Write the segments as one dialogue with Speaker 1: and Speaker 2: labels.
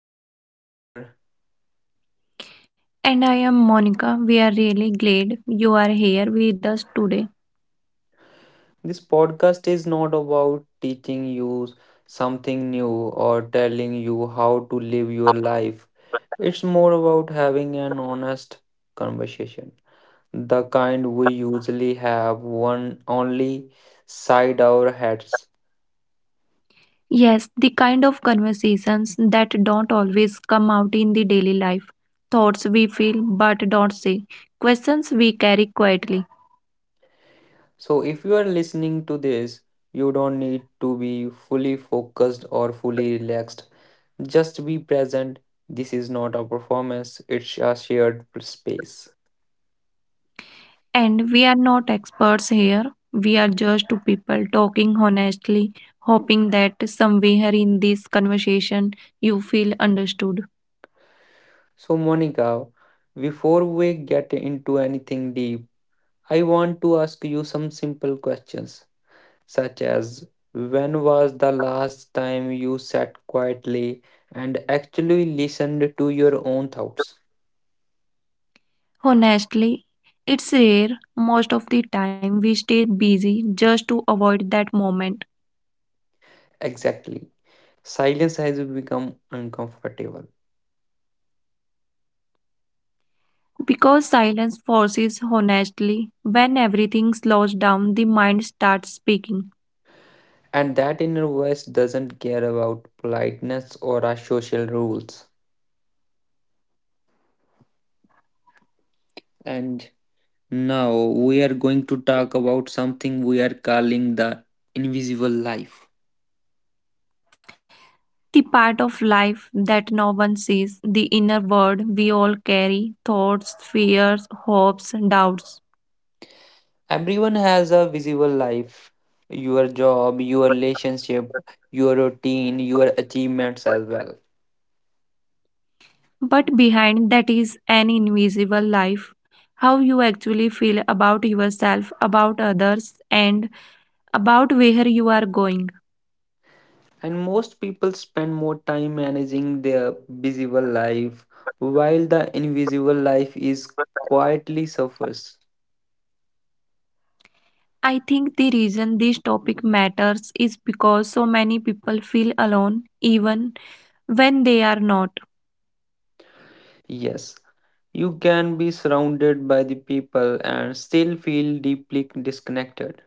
Speaker 1: I am just here.
Speaker 2: And I am Monica. We are really glad you are here with us today.
Speaker 1: This podcast is not about teaching you something new or telling you how to live your life. It's more about having an honest conversation, the kind we usually have one only side our heads.
Speaker 2: Yes, the kind of conversations that don't always come out in the daily life, thoughts we feel but don't say, questions we carry quietly.
Speaker 1: So, if you are listening to this, you don't need to be fully focused or fully relaxed. Just be present. This is not a performance, it's a shared space.
Speaker 2: And we are not experts here. We are just two people talking honestly, hoping that somewhere in this conversation you feel understood.
Speaker 1: So, Monica, before we get into anything deep, I want to ask you some simple questions, such as when was the last time you sat quietly and actually listened to your own thoughts?
Speaker 2: Honestly, it's rare. Most of the time, we stay busy just to avoid that moment.
Speaker 1: Exactly. Silence has become uncomfortable,
Speaker 2: Because silence forces honestly, when everything slows down, the mind starts speaking.
Speaker 1: and that inner voice doesn't care about politeness or our social rules. And Now we are going to talk about something we are calling the invisible life.
Speaker 2: The part of life that no one sees, the inner world we all carry thoughts, fears, hopes, doubts.
Speaker 1: Everyone has a visible life, your job, your relationship, your routine, your achievements as well.
Speaker 2: But behind that is an invisible life. How you actually feel about yourself, about others, and about where you are going.
Speaker 1: And most people spend more time managing their visible life while the invisible life is quietly suffers.
Speaker 2: I think the reason this topic matters is because so many people feel alone, even when they are not,
Speaker 1: Yes, you can be surrounded by the people and still feel deeply disconnected.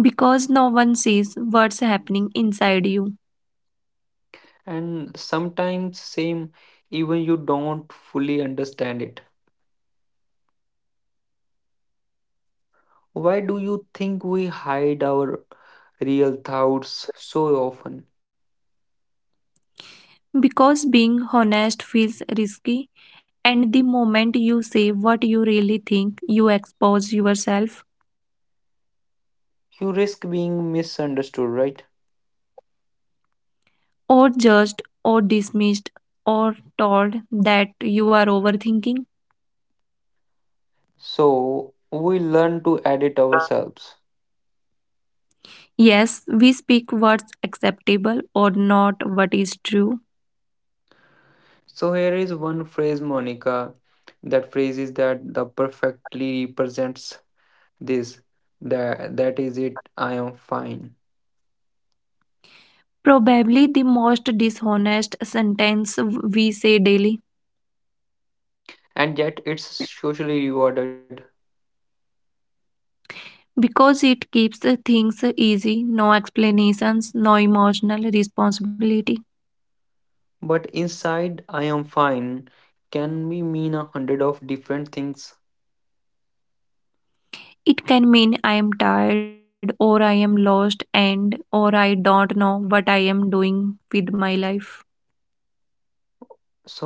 Speaker 2: because no one sees what's happening inside you.
Speaker 1: And sometimes, same, even you don't fully understand it. Why do you think we hide our real thoughts so often?
Speaker 2: Because being honest feels risky, and the moment you say what you really think, you expose yourself,
Speaker 1: You risk being misunderstood, right?
Speaker 2: or judged, or dismissed, or told that you are overthinking.
Speaker 1: So, we learn to edit ourselves.
Speaker 2: Yes, we speak what's acceptable or not what is true.
Speaker 1: So, here is one phrase, Monica. That phrase is that the perfectly represents this. That is it, I am fine.
Speaker 2: Probably the most dishonest sentence we say daily.
Speaker 1: And yet, it's socially rewarded.
Speaker 2: Because it keeps the things easy, no explanations, no emotional responsibility.
Speaker 1: But inside, I am fine can be mean a hundred of different things.
Speaker 2: It can mean I am tired or I am lost and or I don't know what I am doing with my life.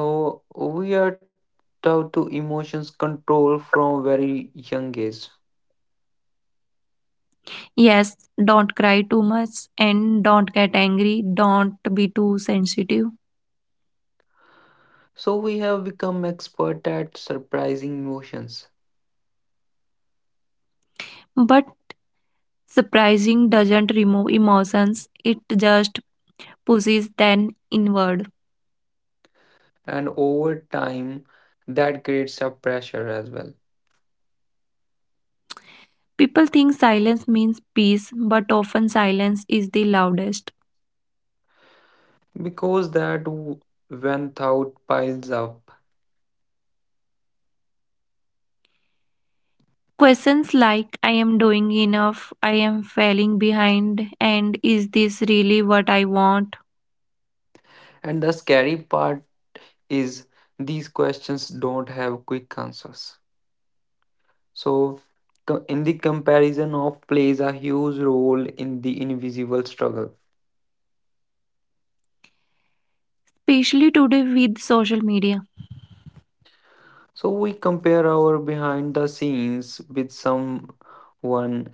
Speaker 1: So we are taught to emotions control from very young age.
Speaker 2: Yes, don't cry too much and don't get angry, don't be too sensitive.
Speaker 1: So we have become expert at surprising emotions,
Speaker 2: But surprising doesn't remove emotions, it just pushes them inward.
Speaker 1: and over time, that creates a pressure as well,
Speaker 2: People think silence means peace, but often silence is the loudest.
Speaker 1: because when thought piles up.
Speaker 2: Questions like I am doing enough, I am falling behind, and is this really what I want?
Speaker 1: And the scary part is, these questions don't have quick answers. So, in the comparison of plays a huge role in the invisible struggle.
Speaker 2: Especially today with social media.
Speaker 1: So, we compare our behind the scenes with someone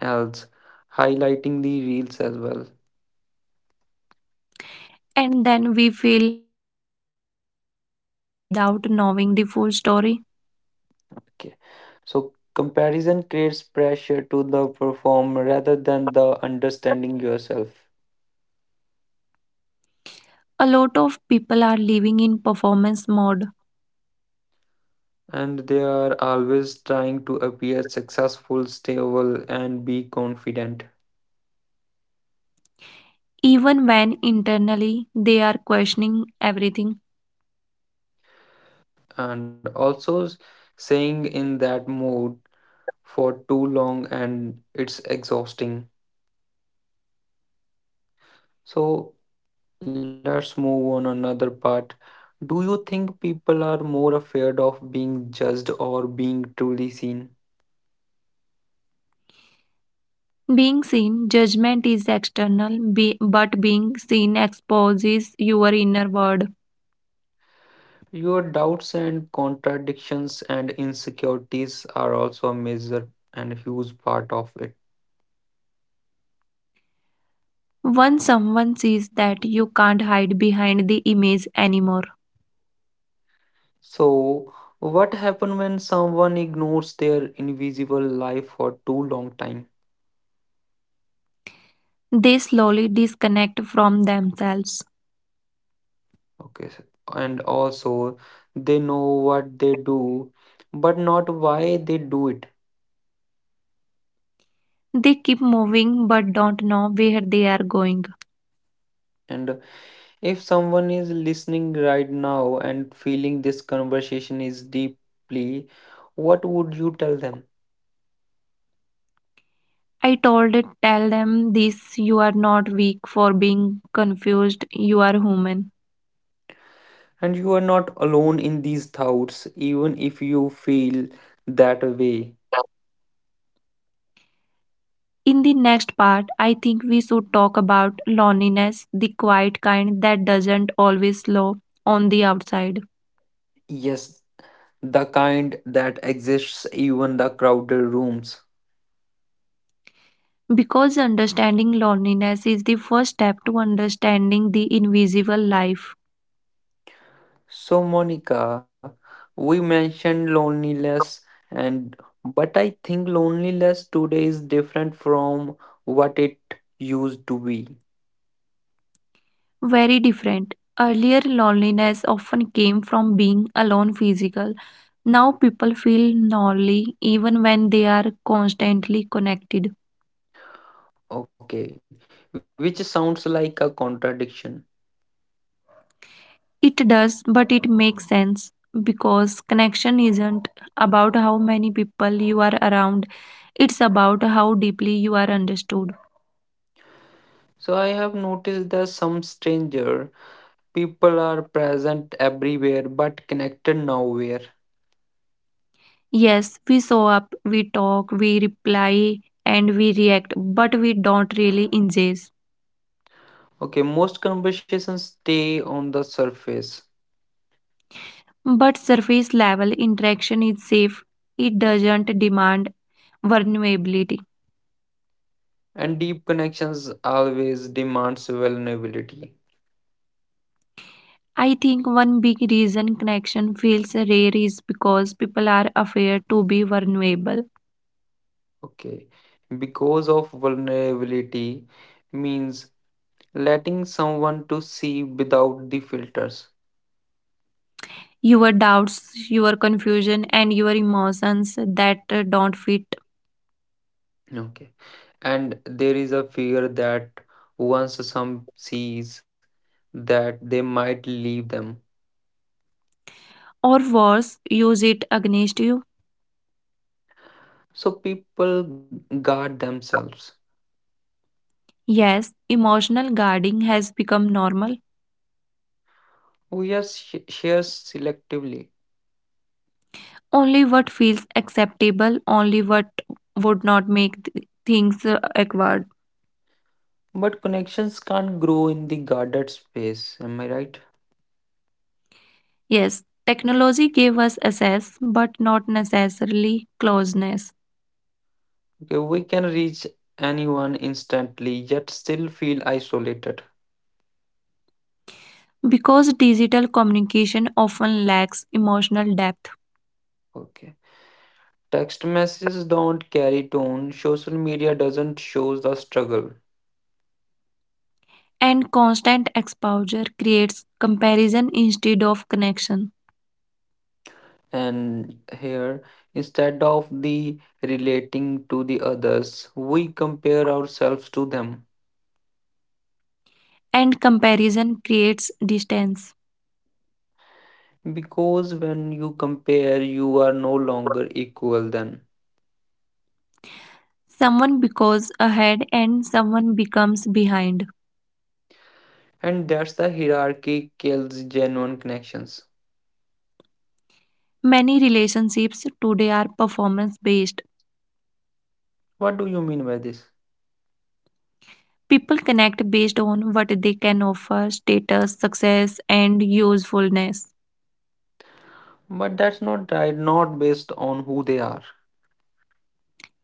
Speaker 1: else, highlighting the reels as well.
Speaker 2: And then we feel inadequate without knowing the full story.
Speaker 1: Okay. So, comparison creates pressure to the perform rather than the understanding yourself.
Speaker 2: A lot of people are living in performance mode,
Speaker 1: And they are always trying to appear successful, stable, and be confident.
Speaker 2: even when internally they are questioning everything.
Speaker 1: And also, saying in that mode for too long and it's exhausting. So let's move on another part. Do you think people are more afraid of being judged or being truly seen?
Speaker 2: Being seen, judgment is external, but being seen exposes your inner world.
Speaker 1: Your doubts and contradictions and insecurities are also a major and huge part of it.
Speaker 2: Once someone sees that you can't hide behind the image anymore,
Speaker 1: So, what happens when someone ignores their invisible life for too long time?
Speaker 2: they slowly disconnect from themselves.
Speaker 1: Okay, so, and also they know what they do, but not why they do it.
Speaker 2: They keep moving but don't know where they are going.
Speaker 1: And if someone is listening right now and feeling this conversation is deeply, what would you tell them?
Speaker 2: I told it, tell them this you are not weak for being confused, you are human.
Speaker 1: And you are not alone in these thoughts, even if you feel that way.
Speaker 2: In the next part, I think we should talk about loneliness, the quiet kind that doesn't always show on the outside.
Speaker 1: Yes, the kind that exists even the crowded rooms.
Speaker 2: Because understanding loneliness is the first step to understanding the invisible life.
Speaker 1: So, Monica, we mentioned loneliness, and but I think loneliness today is different from what it used to be.
Speaker 2: Very different. Earlier, loneliness often came from being alone physical. Now, people feel lonely even when they are constantly connected.
Speaker 1: Okay, which sounds like a contradiction.
Speaker 2: It does, but it makes sense because connection isn't about how many people you are around, it's about how deeply you are understood.
Speaker 1: So, I have noticed that some stranger people are present everywhere but connected nowhere.
Speaker 2: Yes, we show up, we talk, we reply, and we react, but we don't really engage.
Speaker 1: Okay, most conversations stay on the surface,
Speaker 2: But surface level interaction is safe, it doesn't demand vulnerability.
Speaker 1: and deep connections always demands vulnerability.
Speaker 2: I think one big reason connection feels rare is because people are afraid to be vulnerable.
Speaker 1: Okay, because of vulnerability means letting someone to see without the filters.
Speaker 2: Your doubts, your confusion, and your emotions that don't fit,
Speaker 1: Okay, and there is a fear that once some sees that they might leave them.
Speaker 2: or worse, use it against you.
Speaker 1: So people guard themselves.
Speaker 2: Yes, emotional guarding has become normal.
Speaker 1: We are share selectively,
Speaker 2: Only what feels acceptable, only what would not make things awkward.
Speaker 1: but connections can't grow in the guarded space. Am I right?
Speaker 2: Yes, technology gave us access, but not necessarily closeness.
Speaker 1: Okay, we can reach anyone instantly, yet still feel isolated.
Speaker 2: Because digital communication often lacks emotional depth,
Speaker 1: Okay. Text messages don't carry tone. Social media doesn't show the struggle.
Speaker 2: and constant exposure creates comparison instead of connection,
Speaker 1: And here, instead of the relating to the others, we compare ourselves to them.
Speaker 2: and comparison creates distance.
Speaker 1: Because when you compare, you are no longer equal then.
Speaker 2: Someone becomes ahead, and someone becomes behind.
Speaker 1: And that's the hierarchy kills genuine connections.
Speaker 2: Many relationships today are performance based.
Speaker 1: What do you mean by this?
Speaker 2: People connect based on what they can offer, status, success, and usefulness.
Speaker 1: But that's not right, not based on who they are.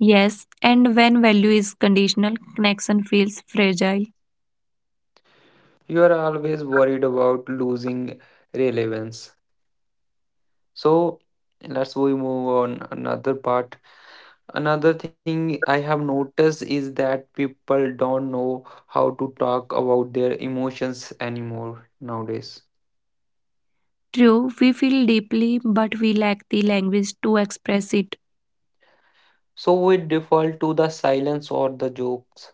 Speaker 2: Yes, and when value is conditional, connection feels fragile.
Speaker 1: You are always worried about losing relevance. So let's we move on another part. Another thing I have noticed is that people don't know how to talk about their emotions anymore nowadays.
Speaker 2: True, we feel deeply, but we lack the language to express it,
Speaker 1: So we default to the silence or the jokes,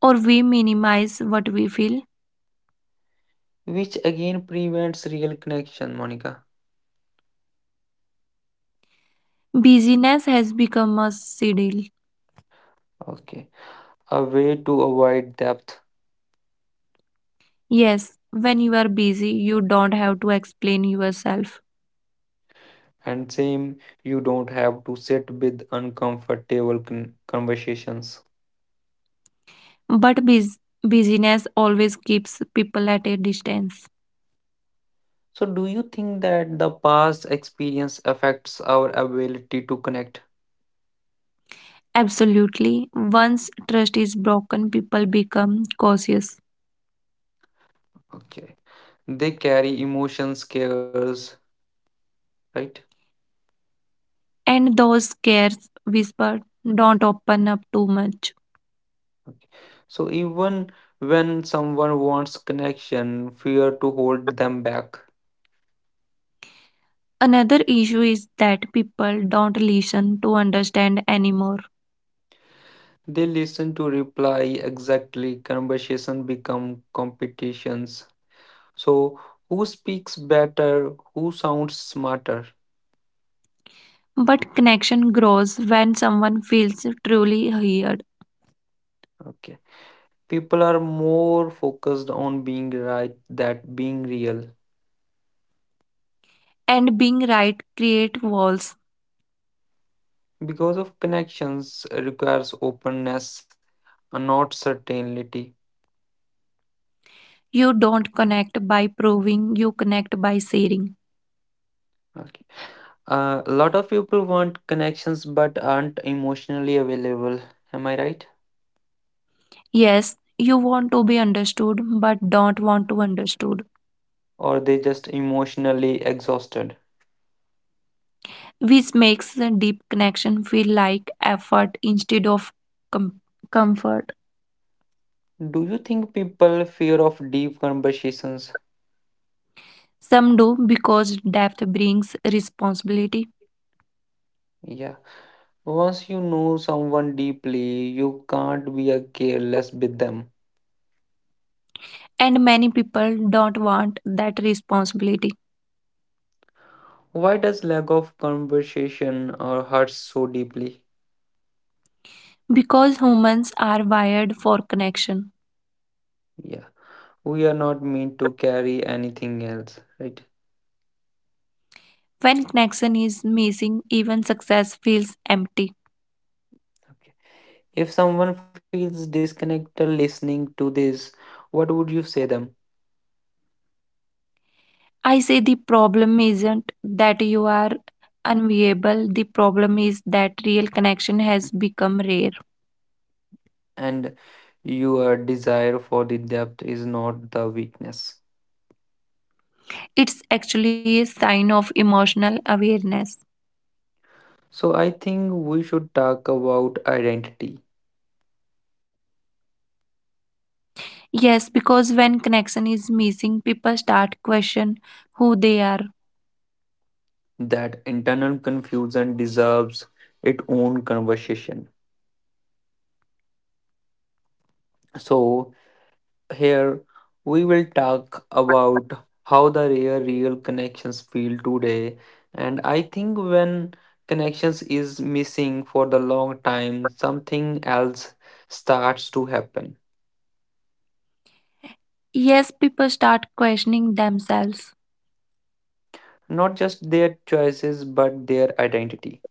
Speaker 2: or we minimize what we feel.
Speaker 1: which again prevents real connection, Monica.
Speaker 2: Busyness has become a shield.
Speaker 1: Okay. A way to avoid depth.
Speaker 2: Yes, when you are busy, you don't have to explain yourself.
Speaker 1: And same, you don't have to sit with uncomfortable conversations.
Speaker 2: But busyness always keeps people at a distance.
Speaker 1: So, do you think that the past experience affects our ability to connect?
Speaker 2: Absolutely. Once trust is broken, people become cautious.
Speaker 1: Okay. They carry emotions, cares, right?
Speaker 2: And those scares whisper, don't open up too much.
Speaker 1: Okay. So, even when someone wants connection, fear to hold them back.
Speaker 2: Another issue is that people don't listen to understand anymore.
Speaker 1: They listen to reply exactly, conversation become competitions. So, who speaks better, who sounds smarter?
Speaker 2: But connection grows when someone feels truly heard.
Speaker 1: Okay. People are more focused on being right that being real.
Speaker 2: And being right create walls.
Speaker 1: Because of connections requires openness, not certainty.
Speaker 2: You don't connect by proving, you connect by sharing.
Speaker 1: Okay. A lot of people want connections but aren't emotionally available, am I right?
Speaker 2: Yes, you want to be understood, but don't want to understood.
Speaker 1: Or they just emotionally exhausted.
Speaker 2: Which makes the deep connection feel like effort instead of com- comfort.
Speaker 1: Do you think people fear of deep conversations?
Speaker 2: Some do because depth brings responsibility,
Speaker 1: Yeah, once you know someone deeply you can't be a careless with them.
Speaker 2: and many people don't want that responsibility
Speaker 1: Why does lack of conversation or hurt so deeply?
Speaker 2: because humans are wired for connection.
Speaker 1: Yeah. We are not meant to carry anything else, right?
Speaker 2: When connection is missing, even success feels empty.
Speaker 1: Okay. If someone feels disconnected listening to this, what would you say them?
Speaker 2: I say the problem isn't that you are unviable, the problem is that real connection has become rare.
Speaker 1: And your desire for the depth is not the weakness.
Speaker 2: It's actually a sign of emotional awareness.
Speaker 1: So I think we should talk about identity.
Speaker 2: Yes, because when connection is missing, people start question who they are.
Speaker 1: That internal confusion deserves its own conversation. So here we will talk about how the rare real connections feel today. And I think when connections is missing for the long time, something else starts to happen.
Speaker 2: Yes, people start questioning themselves.
Speaker 1: Not just their choices, but their identity.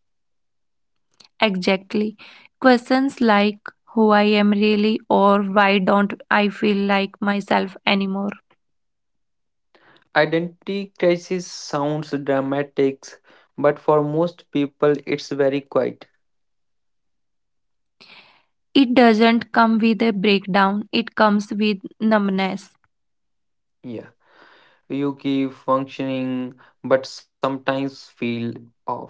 Speaker 2: Exactly. Questions like who I am really or why don't I feel like myself anymore.
Speaker 1: Identity crisis sounds dramatic, but for most people, it's very quiet.
Speaker 2: It doesn't come with a breakdown, it comes with numbness.
Speaker 1: Yeah, you keep functioning, but sometimes feel off.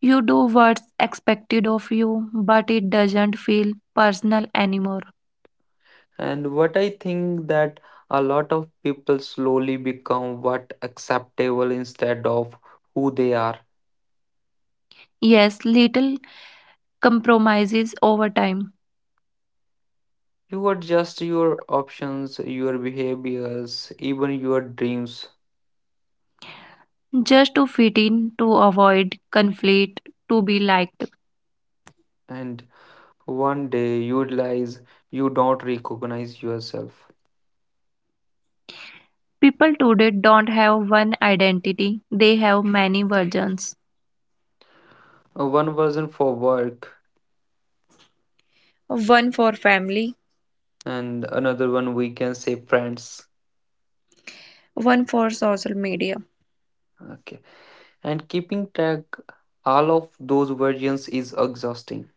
Speaker 2: You do what's expected of you, but it doesn't feel personal anymore.
Speaker 1: And what I think that a lot of people slowly become what acceptable instead of who they are.
Speaker 2: Yes, little compromises over time
Speaker 1: You adjust your options, your behaviors, even your dreams,
Speaker 2: just to fit in, to avoid conflict, to be liked.
Speaker 1: and one day you realize you don't recognize yourself.
Speaker 2: People today don't have one identity, they have many versions.
Speaker 1: One version for work,
Speaker 2: One for family,
Speaker 1: and another one we can say friends.
Speaker 2: one for social media.
Speaker 1: Okay, and keeping track all of those versions is exhausting.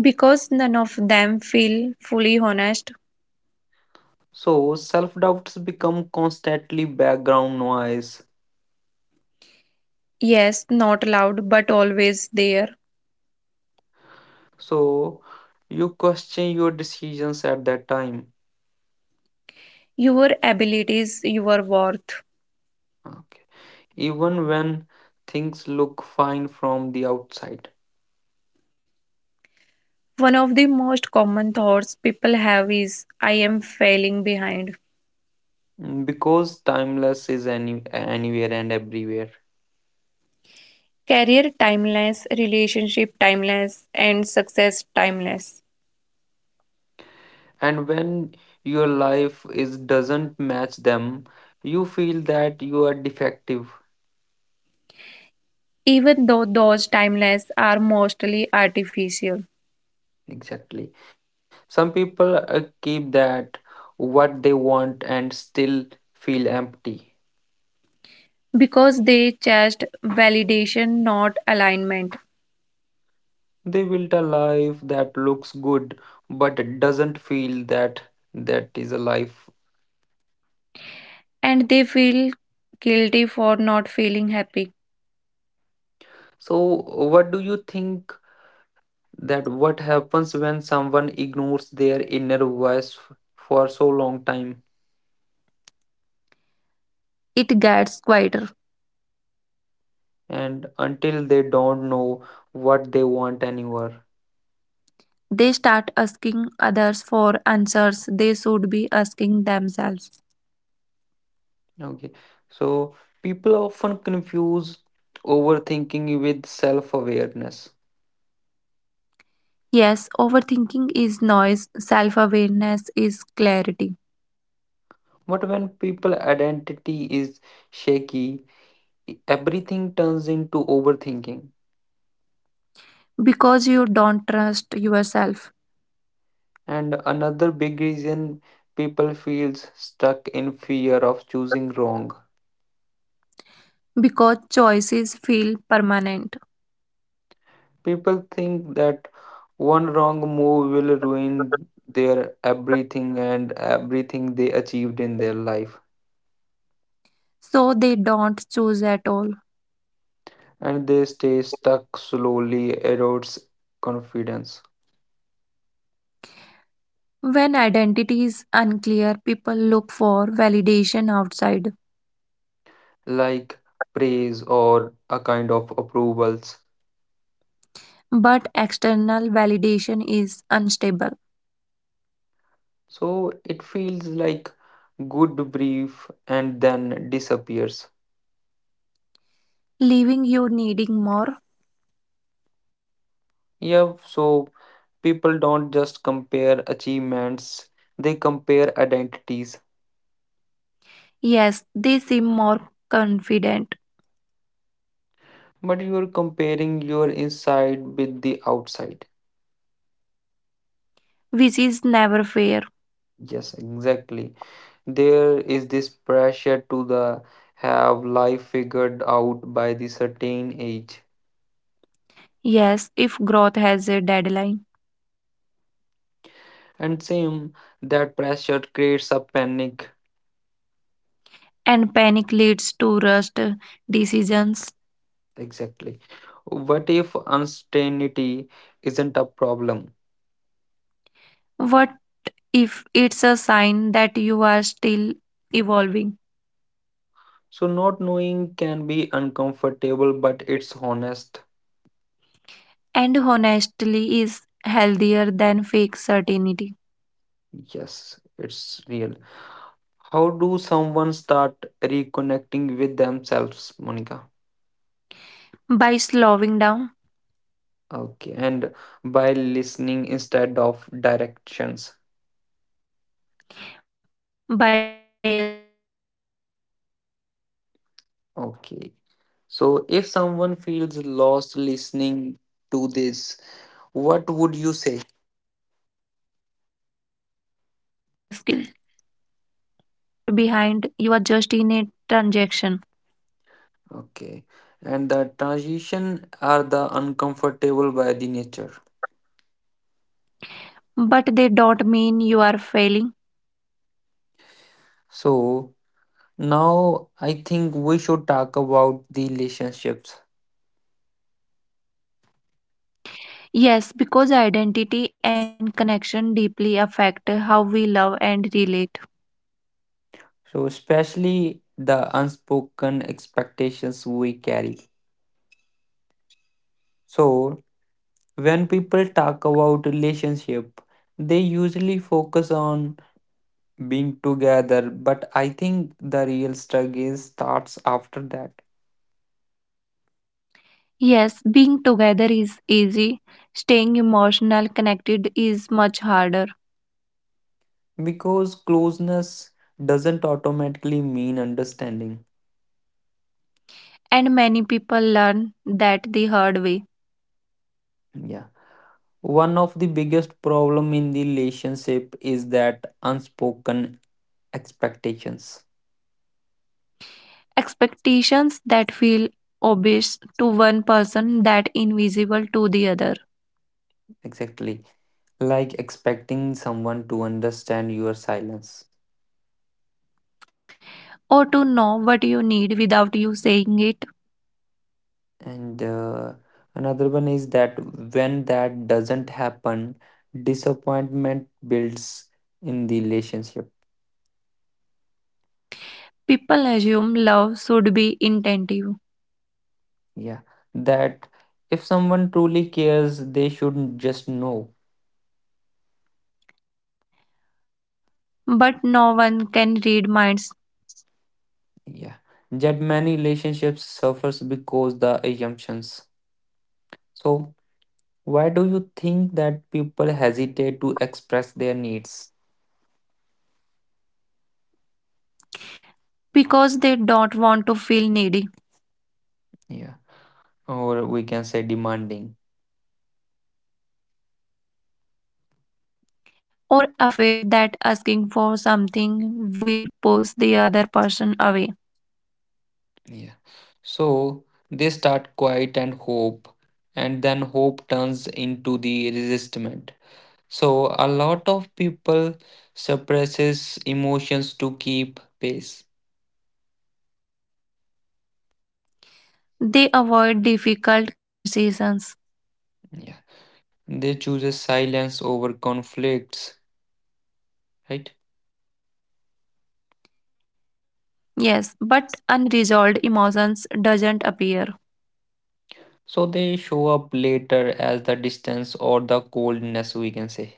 Speaker 2: Because none of them feel fully honest.
Speaker 1: So self doubts become constantly background noise.
Speaker 2: Yes, not loud, but always there.
Speaker 1: So you question your decisions at that time.
Speaker 2: Your abilities, your worth.
Speaker 1: Okay. Even when things look fine from the outside.
Speaker 2: One of the most common thoughts people have is I am failing behind.
Speaker 1: Mm. Because timeless is any anywhere and everywhere.
Speaker 2: Career timeless, relationship timeless, and success timeless.
Speaker 1: And when your life is doesn't match them, you feel that you are defective.
Speaker 2: Even though those timeless are mostly artificial
Speaker 1: Exactly. Some people keep that what they want and still feel empty.
Speaker 2: because they chased validation, not alignment,
Speaker 1: They built a life that looks good but it doesn't feel that that is a life.
Speaker 2: and they feel guilty for not feeling happy.
Speaker 1: So what do you think that what happens when someone ignores their inner voice for so long time
Speaker 2: It gets quieter.
Speaker 1: and until they don't know what they want anymore?
Speaker 2: They start asking others for answers they should be asking themselves.
Speaker 1: Okay. So people often confuse overthinking with self-awareness.
Speaker 2: Yes, overthinking is noise, self awareness is clarity
Speaker 1: But when people identity is shaky, everything turns into overthinking.
Speaker 2: because you don't trust yourself
Speaker 1: And another big reason people feels stuck in fear of choosing wrong.
Speaker 2: because choices feel permanent,
Speaker 1: People think that one wrong move will ruin their everything and everything they achieved in their life.
Speaker 2: so they don't choose at all.
Speaker 1: And they stay stuck slowly erodes confidence,
Speaker 2: When identity is unclear, people look for validation outside,
Speaker 1: like praise or a kind of approvals.
Speaker 2: but external validation is unstable,
Speaker 1: So it feels like good brief and then disappears.
Speaker 2: leaving you needing more.
Speaker 1: Yeah, so people don't just compare achievements, they compare identities.
Speaker 2: Yes, they seem more confident,
Speaker 1: But you're comparing your inside with the outside.
Speaker 2: which is never fair.
Speaker 1: Yes, exactly. There is this pressure to the have life figured out by the certain age.
Speaker 2: Yes, if growth has a deadline
Speaker 1: And same, that pressure creates a panic.
Speaker 2: and panic leads to rushed decisions,
Speaker 1: Exactly. What if uncertainty isn't a problem?
Speaker 2: what if it's a sign that you are still evolving?
Speaker 1: So not knowing can be uncomfortable, but it's honest.
Speaker 2: And honestly is healthier than fake certainty.
Speaker 1: Yes, it's real. How do someone start reconnecting with themselves, Monica?
Speaker 2: By slowing down,
Speaker 1: Okay, and by listening instead of directions.
Speaker 2: by asking what actually matters to be.
Speaker 1: Okay. So if someone feels lost listening to this, what would you say?
Speaker 2: I would say you are not behind, you are just in a transaction.
Speaker 1: Okay. And the transition are the uncomfortable by the nature.
Speaker 2: But they don't mean you are failing.
Speaker 1: So now I think we should talk about the relationships.
Speaker 2: Yes, because identity and connection deeply affect how we love and relate.
Speaker 1: So especially the unspoken expectations we carry. So when people talk about relationship, they usually focus on being together, but I think the real struggle starts after that
Speaker 2: Yes, being together is easy, staying emotional connected is much harder.
Speaker 1: because closeness doesn't automatically mean understanding.
Speaker 2: And many people learn that the hard way.
Speaker 1: Yeah. One of the biggest problem in the relationship is that unspoken expectations,
Speaker 2: Expectations that feel obvious to one person that invisible to the other,
Speaker 1: exactly, like expecting someone to understand your silence.
Speaker 2: or to know what you need without you saying it.
Speaker 1: And another one is that when that doesn't happen, disappointment builds in the relationship.
Speaker 2: People assume love should be intentive,
Speaker 1: Yeah. That if someone truly cares, they shouldn't just know.
Speaker 2: but no one can read minds
Speaker 1: Yeah. That many relationships suffers because the assumptions. So why do you think that people hesitate to express their needs?
Speaker 2: because they don't want to feel needy
Speaker 1: Yeah. Or we can say demanding.
Speaker 2: or afraid that asking for something will push the other person away.
Speaker 1: Yeah. So they start quiet and hope, and then hope turns into the resistment. So a lot of people suppresses emotions to keep pace.
Speaker 2: They avoid difficult conversations.
Speaker 1: Yeah. They chooses silence over conflicts, right?
Speaker 2: Yes, but unresolved emotions doesn't appear.
Speaker 1: So they show up later as the distance or the coldness we can say.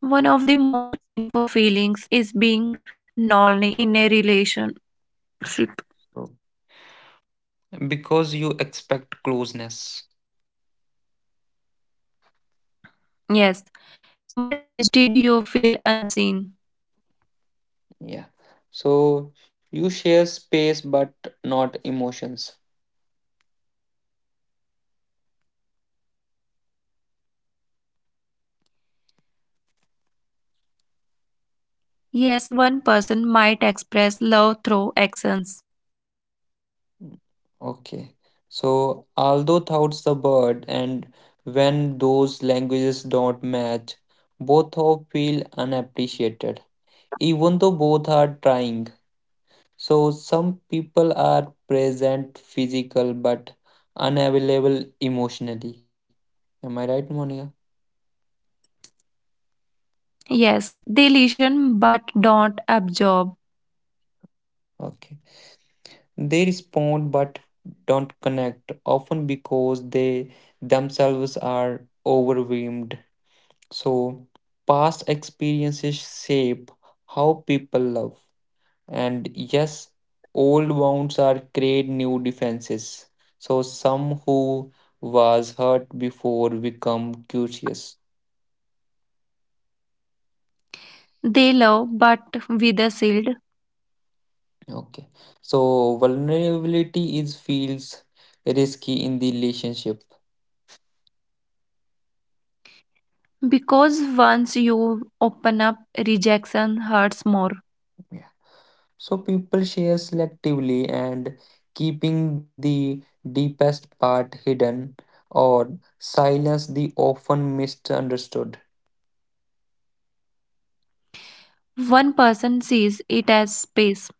Speaker 2: One of the most painful feelings is being lonely in a relationship.
Speaker 1: So because you expect closeness.
Speaker 2: Yes, but instead you feel unseen.
Speaker 1: Yeah. So you share space but not emotions.
Speaker 2: Yes, one person might express love through actions.
Speaker 1: Mm. Okay. So, although thoughts the bird, and when those languages don't match, both of feel unappreciated, even though both are trying. So, some people are present physical but unavailable emotionally. Am I right, Monica?
Speaker 2: Yes, they listen but don't absorb.
Speaker 1: Okay. They respond but don't connect, often because they themselves are overwhelmed. So, past experiences shape how people love. And yes, old wounds are create new defenses. So, some who was hurt before become curious.
Speaker 2: They love but with a shield
Speaker 1: Okay. So, vulnerability is feels risky in the relationship.
Speaker 2: because once you open up, rejection hurts more.
Speaker 1: Yeah. So, people share selectively and keeping the deepest part hidden or silence the often misunderstood.
Speaker 2: One person sees it as space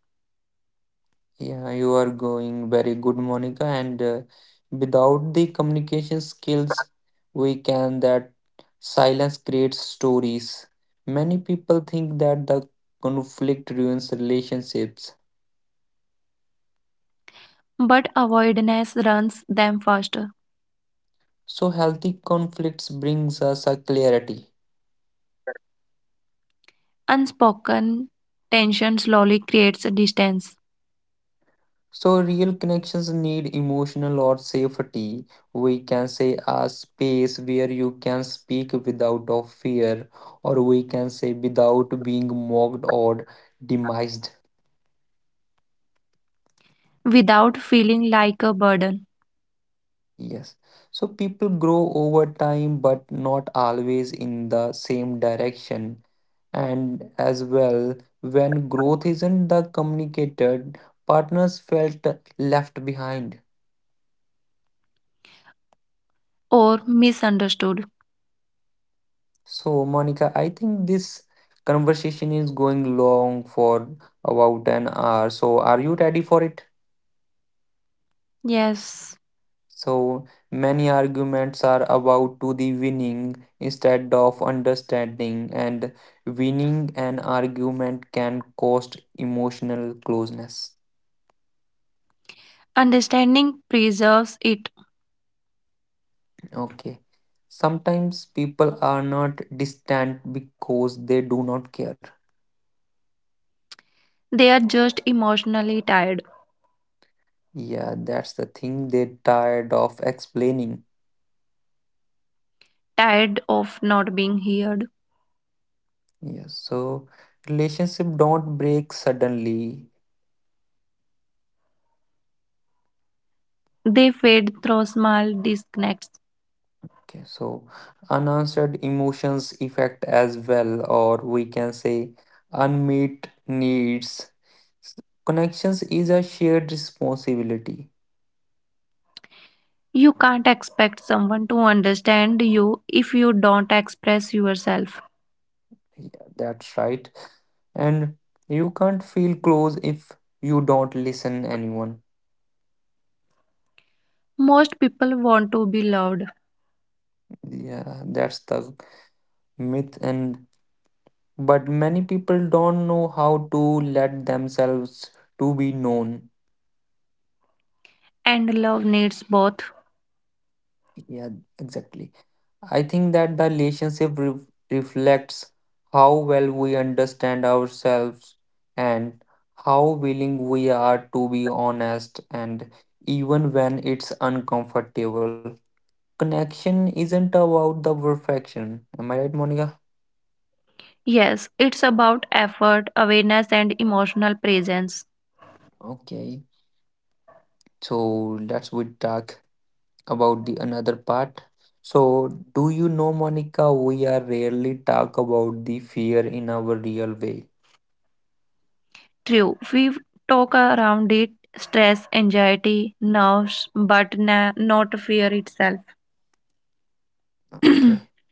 Speaker 1: Yeah, you are going very good, Monica. And without the communication skills, we can that silence creates stories. Many people think that the conflict ruins relationships.
Speaker 2: but avoidance runs them faster.
Speaker 1: So healthy conflicts brings us a clarity.
Speaker 2: Unspoken tension slowly creates a distance
Speaker 1: So real connections need emotional or safety. We can say a space where you can speak without of fear, or we can say without being mocked or demised.
Speaker 2: without feeling like a burden
Speaker 1: Yes. So people grow over time, but not always in the same direction. And as well, when growth isn't the communicated, partners felt left behind.
Speaker 2: or misunderstood.
Speaker 1: So, Monica, I think this conversation is going long for about an hour. So, are you ready for it?
Speaker 2: Yes,
Speaker 1: So many arguments are about to the winning instead of understanding, and winning an argument can cost emotional closeness.
Speaker 2: understanding preserves it.
Speaker 1: Okay. Sometimes people are not distant because they do not care.
Speaker 2: They are just emotionally tired,
Speaker 1: Yeah, that's the thing they're tired of explaining.
Speaker 2: tired of not being heard.
Speaker 1: Yeah, so relationship don't break suddenly.
Speaker 2: They fade through small disconnects.
Speaker 1: Okay, so unanswered emotions effect as well, or we can say unmet needs. S- Connections is a shared responsibility.
Speaker 2: You can't expect someone to understand you if you don't express yourself.
Speaker 1: Yeah, that's right. And you can't feel close if you don't listen anyone.
Speaker 2: Most people want to be loved,
Speaker 1: Yeah, that's the myth and but many people don't know how to let themselves to be known.
Speaker 2: and love needs both.
Speaker 1: Yeah, exactly. I think that the reflects how well we understand ourselves and how willing we are to be honest and even when it's uncomfortable. Connection isn't about the perfection. Am I right, Monica?
Speaker 2: Yes, it's about effort, awareness, and emotional presence.
Speaker 1: Okay. So let's we talk about the another part. So do you know Monica we are rarely talk about the fear in our real way.
Speaker 2: True, we talk around it stress, anxiety, nerves, but not fear itself.
Speaker 1: Okay.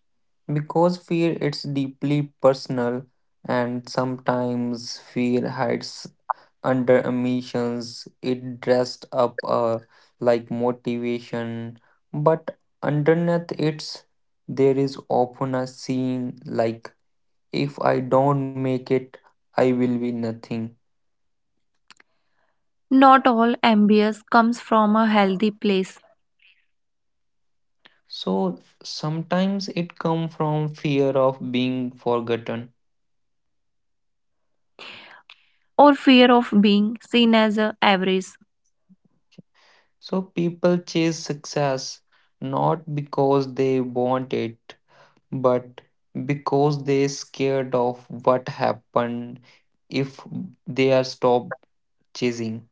Speaker 1: Because fear it's deeply personal and sometimes fear hides under emotions. It dressed up like motivation, but underneath it's there is often a scene like if I don't make it, I will be nothing.
Speaker 2: Not all ambience comes from a healthy place
Speaker 1: So sometimes it come from fear of being forgotten.
Speaker 2: or fear of being seen as a average.
Speaker 1: So people chase success not because they want it but because they scared of what happened if they are stopped chasing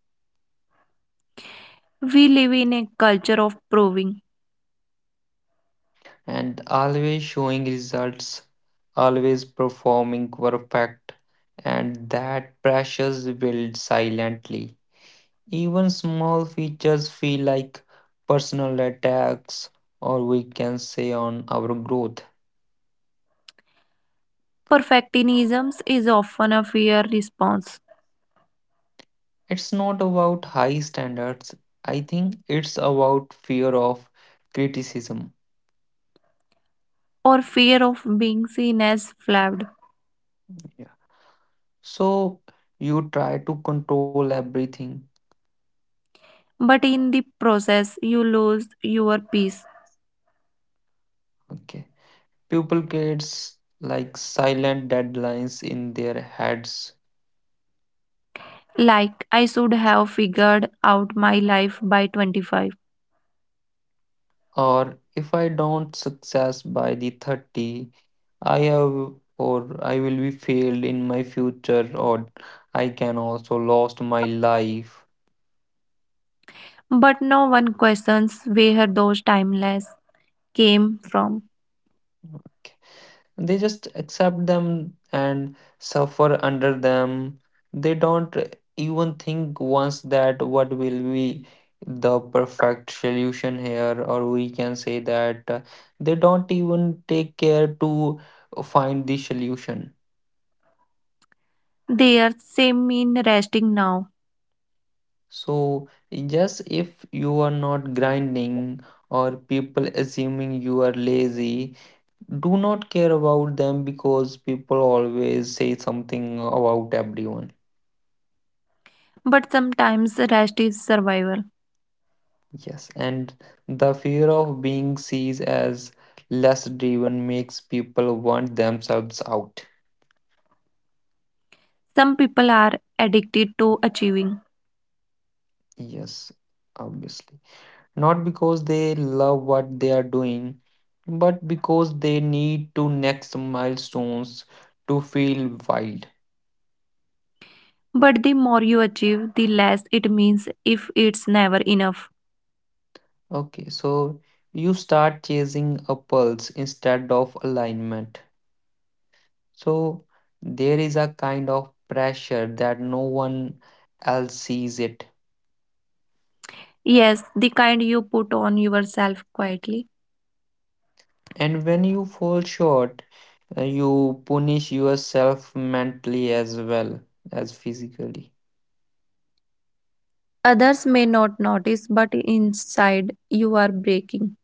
Speaker 2: We live in a culture of proving.
Speaker 1: and always showing results always performing perfect and that pressures build silently even small features feel like personal attacks or we can say on our growth.
Speaker 2: Perfectionism is often a fear response
Speaker 1: It's not about high standards. I think it's about fear of criticism.
Speaker 2: or fear of being seen as flawed.
Speaker 1: So you try to control everything.
Speaker 2: But in the process, you lose your peace.
Speaker 1: Okay. People gets like silent deadlines in their heads.
Speaker 2: Like, I should have figured out my life by 25.
Speaker 1: Or if I don't success by the 30, I have or I will be failed in my future or I can also lost my life.
Speaker 2: But no one questions where those timeless came from.
Speaker 1: Okay. They just accept them and suffer under them. They don't even think once that what will be the perfect solution here or we can say that they don't even take care to find the solution.
Speaker 2: They are same in resting now.
Speaker 1: So just if you are not grinding or people assuming you are lazy, do not care about them because people always say something about everyone.
Speaker 2: But sometimes rest is survival.
Speaker 1: Yes, and the fear of being seen as less driven makes people want themselves out.
Speaker 2: Some people are addicted to achieving.
Speaker 1: Yes, obviously. Not because they love what they are doing, but because they need to next milestones to feel wild.
Speaker 2: But the more you achieve, the less it means if it's never enough.
Speaker 1: Okay, so you start chasing a pulse instead of alignment. So there is a kind of pressure that no one else sees it.
Speaker 2: Yes, the kind you put on yourself quietly.
Speaker 1: And when you fall short, you punish yourself mentally as well as physically.
Speaker 2: Others may not notice, but inside you are breaking.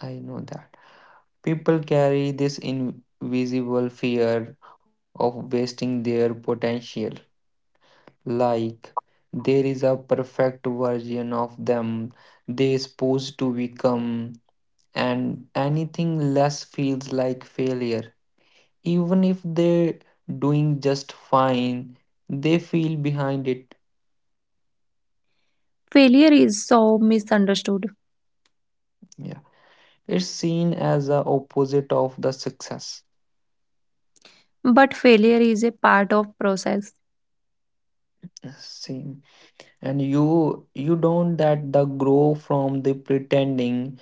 Speaker 1: I know that. People carry this invisible fear of wasting their potential. Like there is a perfect version of them they supposed to become, and anything less feels like failure. Even if they're doing just fine, they feel behind it.
Speaker 2: Failure is so misunderstood,
Speaker 1: Yeah. It's seen as a opposite of the success.
Speaker 2: but failure is a part of process.
Speaker 1: Same, and you don't that the grow from the pretending.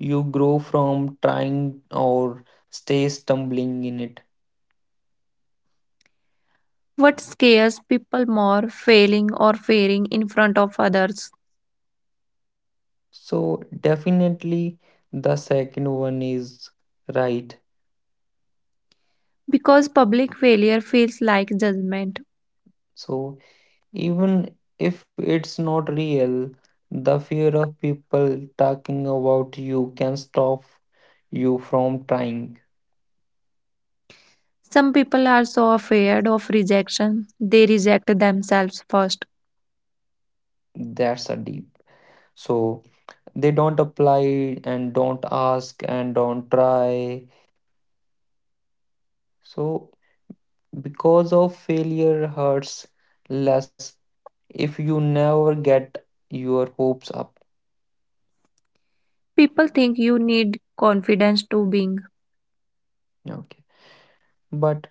Speaker 1: You grow from trying or stay stumbling in it.
Speaker 2: What scares people more failing or fearing in front of others
Speaker 1: So definitely the second one is right.
Speaker 2: because public failure feels like judgment.
Speaker 1: So even if it's not real, the fear of people talking about you can stop you from trying.
Speaker 2: Some people are so afraid of rejection, they reject themselves first.
Speaker 1: That's a deep. So they don't apply and don't ask and don't try. So, because of failure hurts less if you never get your hopes up.
Speaker 2: People think you need confidence to being.
Speaker 1: Okay. But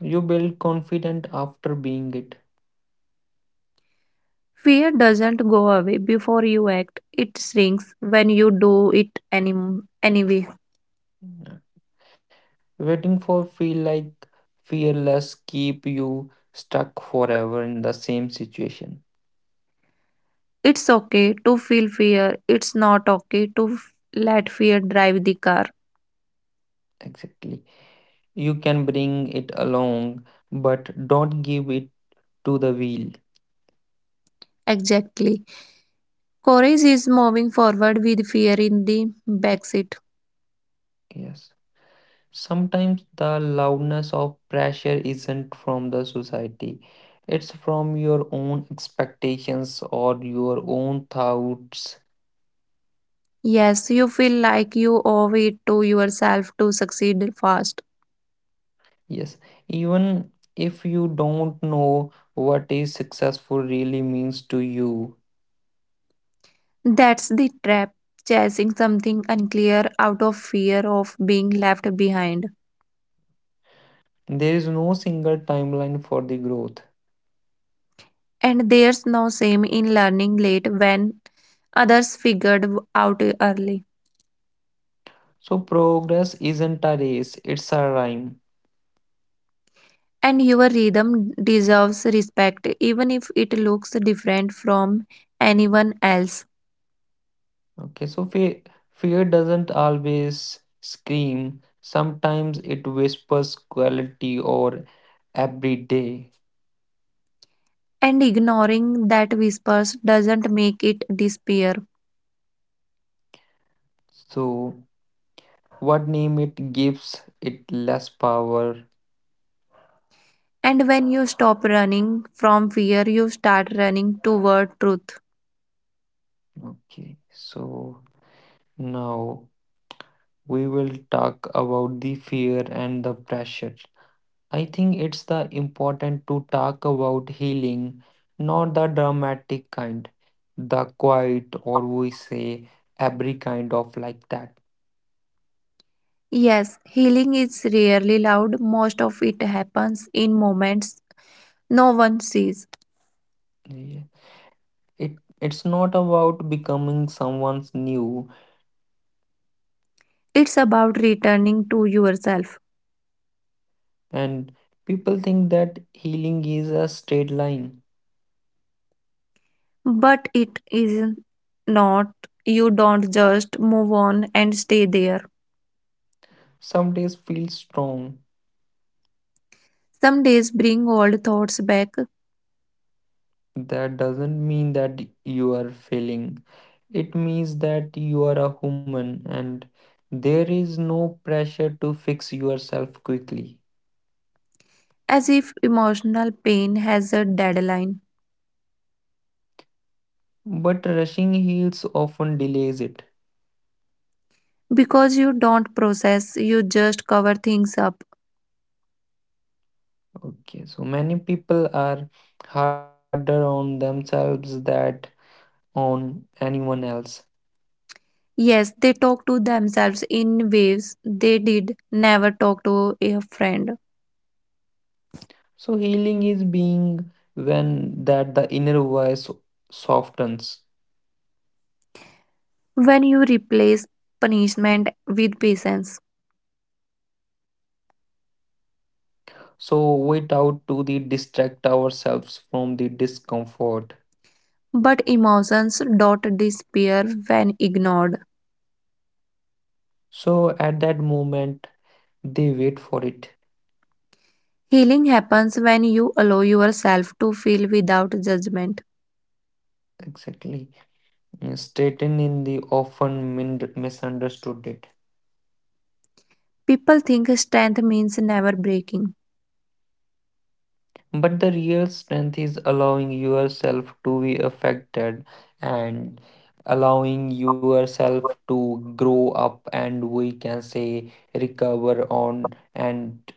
Speaker 1: you build confident after being it.
Speaker 2: Fear doesn't go away before you act. It shrinks when you do it anyway.
Speaker 1: Yeah. Waiting for feel like fearless keep you stuck forever in the same situation.
Speaker 2: It's okay to feel fear. It's not okay to let fear drive the car.
Speaker 1: Exactly. You can bring it along, but don't give it to the wheel.
Speaker 2: Exactly. Courage is moving forward with fear in the backseat.
Speaker 1: Yes. Sometimes the loudness of pressure isn't from the society, it's from your own expectations or your own thoughts.
Speaker 2: Yes, you feel like you owe it to yourself to succeed fast.
Speaker 1: Yes, even if you don't know what is successful really means to you,
Speaker 2: That's the trap, chasing something unclear out of fear of being left behind.
Speaker 1: there is no single timeline for the growth.
Speaker 2: And there's no shame in learning late when others figured out early.
Speaker 1: So, progress isn't a race, it's a rhyme.
Speaker 2: And your rhythm deserves respect, even if it looks different from anyone else.
Speaker 1: Okay, so fear doesn't always scream. Sometimes it whispers quality or every day.
Speaker 2: And ignoring that whispers doesn't make it disappear.
Speaker 1: So, what name it gives it less power.
Speaker 2: And when you stop running from fear, you start running toward truth.
Speaker 1: Okay, so now we will talk about the fear and the pressure. I think it's the important to talk about healing, not the dramatic kind, the quiet or we say every kind of like that.
Speaker 2: Yes, healing is rarely loud, most of it happens in moments no one sees.
Speaker 1: Yeah. It's not about becoming someone's new.
Speaker 2: It's about returning to yourself.
Speaker 1: And people think that healing is a straight line.
Speaker 2: But it is not, you don't just move on and stay there.
Speaker 1: Some days feel strong.
Speaker 2: Some days bring old thoughts back
Speaker 1: That doesn't mean that you are failing. It means that you are a human and there is no pressure to fix yourself quickly.
Speaker 2: as if emotional pain has a deadline.
Speaker 1: But rushing heals often delays it.
Speaker 2: Because you don't process, you just cover things up.
Speaker 1: Okay, so many people are harder on themselves that on anyone else.
Speaker 2: Yes, they talk to themselves in waves they did never talk to a friend.
Speaker 1: So healing is being when that the inner voice softens.
Speaker 2: When you replace punishment with patience,
Speaker 1: So wait out to the distract ourselves from the discomfort.
Speaker 2: but emotions don't disappear when ignored.
Speaker 1: So at that moment they wait for it.
Speaker 2: Healing happens when you allow yourself to feel without judgment.
Speaker 1: Exactly. Straighten in the misunderstood it.
Speaker 2: People think strength means never breaking.
Speaker 1: But the real strength is allowing yourself to be affected and allowing yourself to grow up and we can say recover on and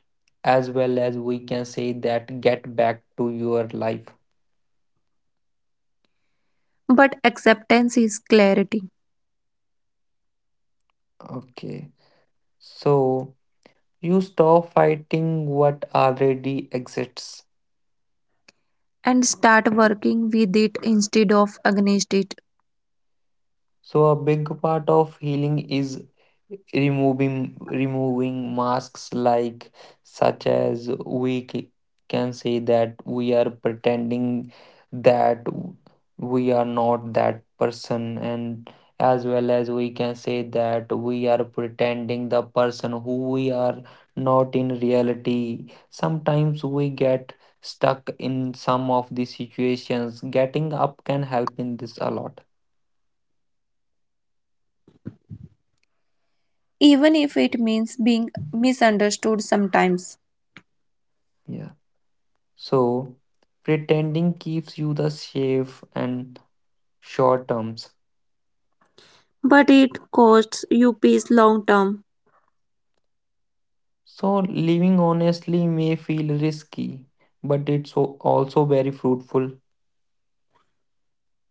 Speaker 1: as well as we can say that get back to your life.
Speaker 2: But acceptance is clarity
Speaker 1: Okay. So you stop fighting what already exists.
Speaker 2: and start working with it instead of against it.
Speaker 1: So a big part of healing is removing masks like such as can say that we are pretending that we are not that person and as well as we can say that we are pretending the person who we are not in reality. Sometimes we get stuck in some of the situations, getting up can help in this a lot.
Speaker 2: Even if it means being misunderstood sometimes.
Speaker 1: Yeah. So, pretending keeps you the safe and short terms.
Speaker 2: But it costs you peace long term.
Speaker 1: So, living honestly may feel risky, but also very fruitful.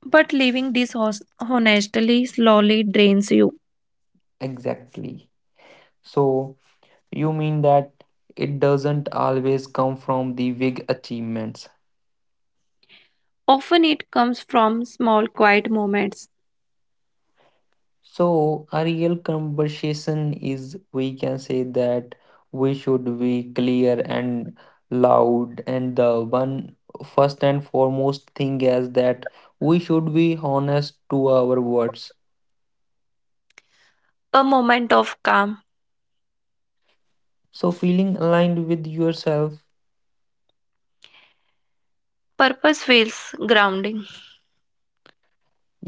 Speaker 2: But living dishonestly slowly drains you.
Speaker 1: Exactly. So, you mean that it doesn't always come from the big achievements.
Speaker 2: Often it comes from small quiet moments,
Speaker 1: So, a real conversation is we can say that we should be clear and loud, and the one first and foremost thing is that we should be honest to our words.
Speaker 2: a moment of calm.
Speaker 1: So, feeling aligned with yourself.
Speaker 2: Purpose feels grounding.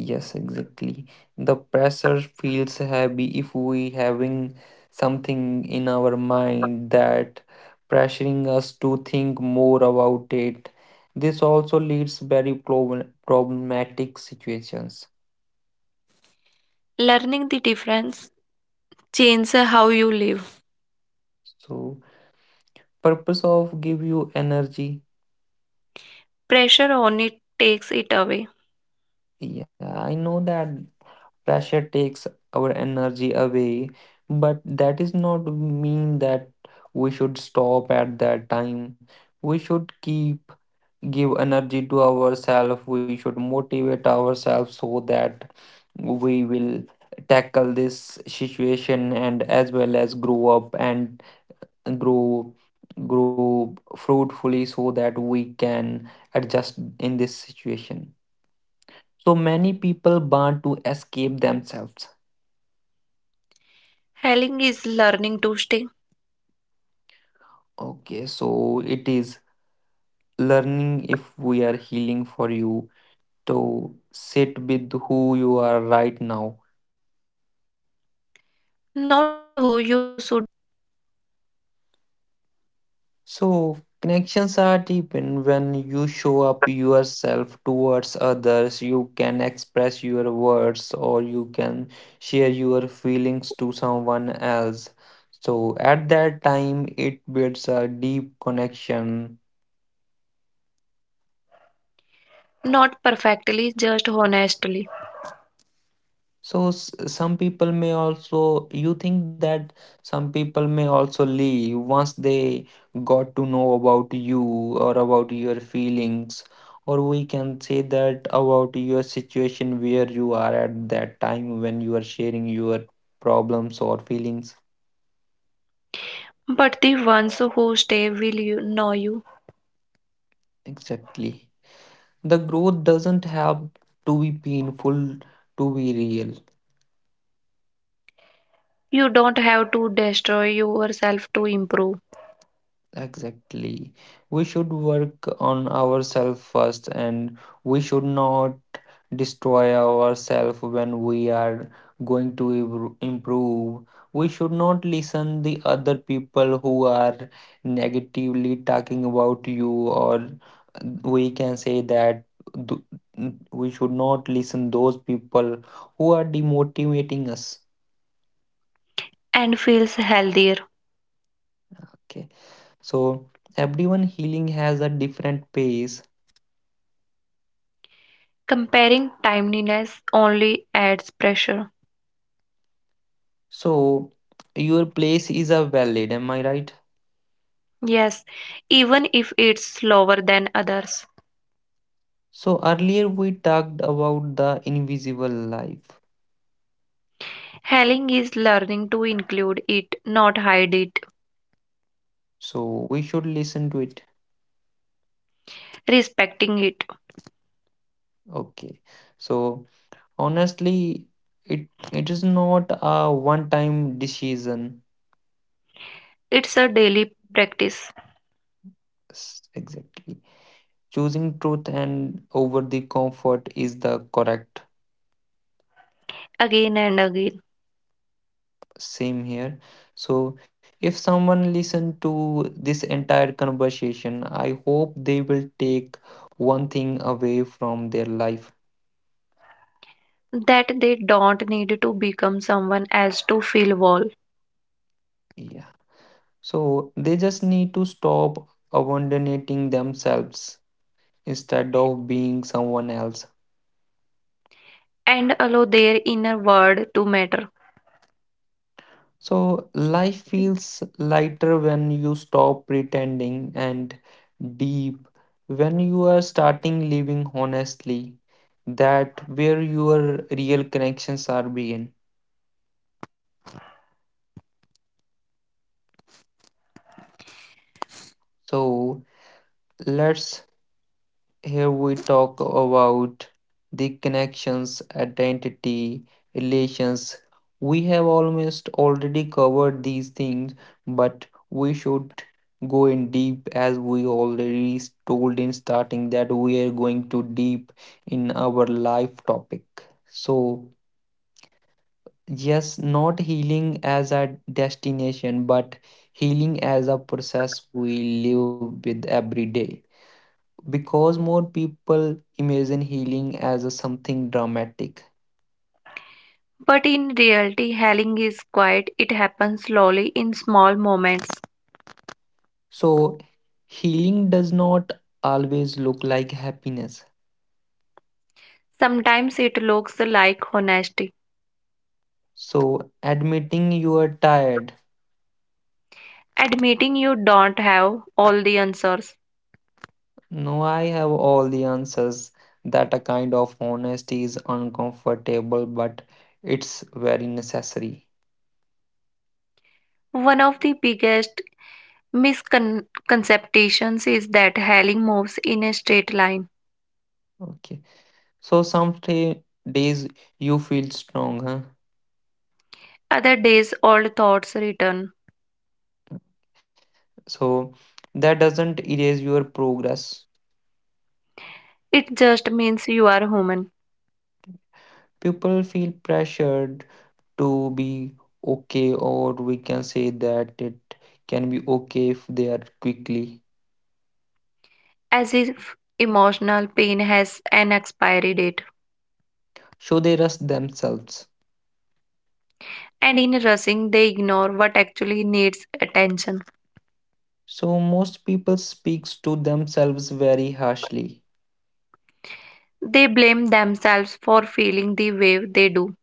Speaker 1: Yes, exactly. The pressure feels heavy if we having something in our mind that pressuring us to think more about it. This also leads very problematic situations.
Speaker 2: Learning the difference changes how you live.
Speaker 1: So purpose of give you energy.
Speaker 2: Pressure on it takes it away.
Speaker 1: Yeah, I know that pressure takes our energy away, but that is not mean that we should stop at that time. We should keep give energy to ourselves, we should motivate ourselves so that we will tackle this situation and as well as grow up and grow grow fruitfully so that we can adjust in this situation. So many people want to escape themselves.
Speaker 2: Healing is learning to stay.
Speaker 1: Okay, so it is learning if we are healing for you to sit with who you are right now.
Speaker 2: Not who you should be,
Speaker 1: So, connections are deepened when you show up yourself towards others. You can express your words or you can share your feelings to someone else. So, at that time, it builds a deep connection.
Speaker 2: not perfectly, just honestly.
Speaker 1: So some people may also you think that some people may also leave once they got to know about you or about your feelings or we can say that about your situation where you are at that time when you are sharing your problems or feelings.
Speaker 2: But the ones who stay will you know you.
Speaker 1: Exactly. The growth doesn't have to be painful to be real.
Speaker 2: You don't have to destroy yourself to improve
Speaker 1: Exactly. We should work on ourselves first and we should not destroy ourselves when we are going to improve. We should not listen the other people who are negatively talking about you or we can say that we should not listen those people who are demotivating us.
Speaker 2: and feels healthier.
Speaker 1: Okay. So everyone healing has a different pace.
Speaker 2: Comparing timeliness only adds pressure.
Speaker 1: So, your place is a valid, am I right?
Speaker 2: Yes, even if it's slower than others.
Speaker 1: So, earlier we talked about the invisible life.
Speaker 2: Healing is learning to include it, not hide it,
Speaker 1: So, we should listen to it.
Speaker 2: respecting it.
Speaker 1: Okay. So, honestly, it is not a one-time decision.
Speaker 2: It's a daily practice
Speaker 1: Exactly. Choosing truth and over the comfort is the correct.
Speaker 2: again and again.
Speaker 1: Same here. So if someone listen to this entire conversation, I hope they will take one thing away from their life.
Speaker 2: That they don't need to become someone else to feel whole
Speaker 1: Yeah. So they just need to stop abandoning themselves instead of being someone else.
Speaker 2: and allow their inner world to matter.
Speaker 1: So life feels lighter when you stop pretending and deep when you are starting living honestly, that where your real connections are begin. So let's here we talk about the connections, identity, relations. We have almost already covered these things, but we should go in deep as we already told in starting that we are going to deep in our life topic. So, yes, not healing as a destination, but healing as a process we live with every day because more people imagine healing as a something dramatic.
Speaker 2: But in reality, healing is quiet, it happens slowly in small moments.
Speaker 1: So, healing does not always look like happiness.
Speaker 2: Sometimes it looks like honesty,
Speaker 1: So, admitting you are tired,
Speaker 2: admitting you don't have all the answers.
Speaker 1: no, I have all the answers. That a kind of honesty is uncomfortable, but it's very necessary.
Speaker 2: One of the biggest misconceptions is that healing moves in a straight line.
Speaker 1: Okay, so days you feel strong, huh?
Speaker 2: Other days, old thoughts return.
Speaker 1: So, that doesn't erase your progress.
Speaker 2: It just means you are human.
Speaker 1: People feel pressured to be okay, or we can say that it can be okay if they are quickly.
Speaker 2: As if emotional pain has an expiry date.
Speaker 1: So they rush themselves.
Speaker 2: And in rushing, they ignore what actually needs attention.
Speaker 1: So most people speaks to themselves very harshly.
Speaker 2: They blame themselves for feeling the way they do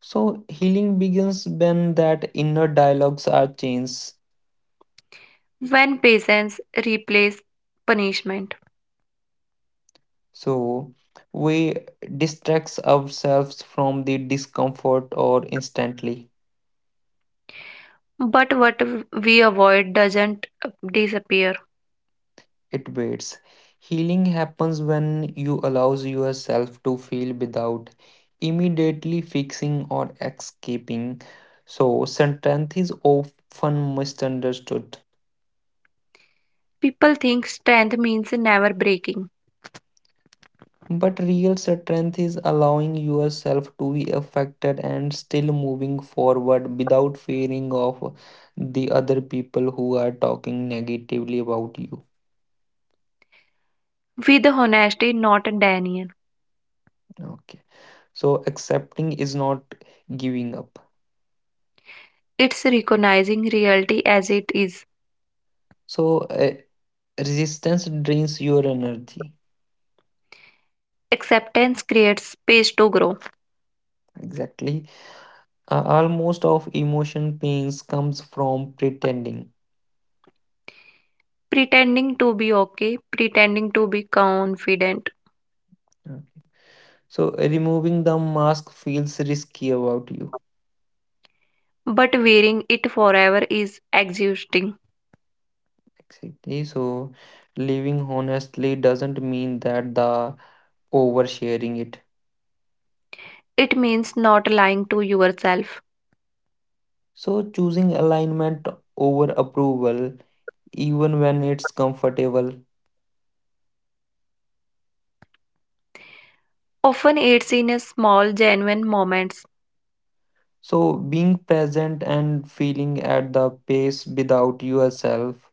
Speaker 1: So healing begins when that inner dialogues are changed.
Speaker 2: when patience replaces punishment.
Speaker 1: So we distracts ourselves from the discomfort or instantly.
Speaker 2: But what we avoid doesn't disappear.
Speaker 1: It waits. Healing happens when you allows yourself to feel without immediately fixing or escaping. So strength is often misunderstood.
Speaker 2: People think strength means never breaking.
Speaker 1: But real strength is allowing yourself to be affected and still moving forward without fearing of the other people who are talking negatively about you.
Speaker 2: With honesty, not denial.
Speaker 1: Okay. So accepting is not giving up.
Speaker 2: It's recognizing reality as it is.
Speaker 1: So resistance drains your energy.
Speaker 2: Acceptance creates space to grow.
Speaker 1: Exactly. Almost of emotion pains comes from pretending.
Speaker 2: Pretending to be okay, pretending to be confident,
Speaker 1: Okay. So removing the mask feels risky about you.
Speaker 2: but wearing it forever is exhausting.
Speaker 1: Exactly. So living honestly doesn't mean that the oversharing it.
Speaker 2: It means not lying to yourself.
Speaker 1: So choosing alignment over approval, even when it's comfortable.
Speaker 2: Often it's in a small, genuine moments
Speaker 1: So being present and feeling at the pace without yourself,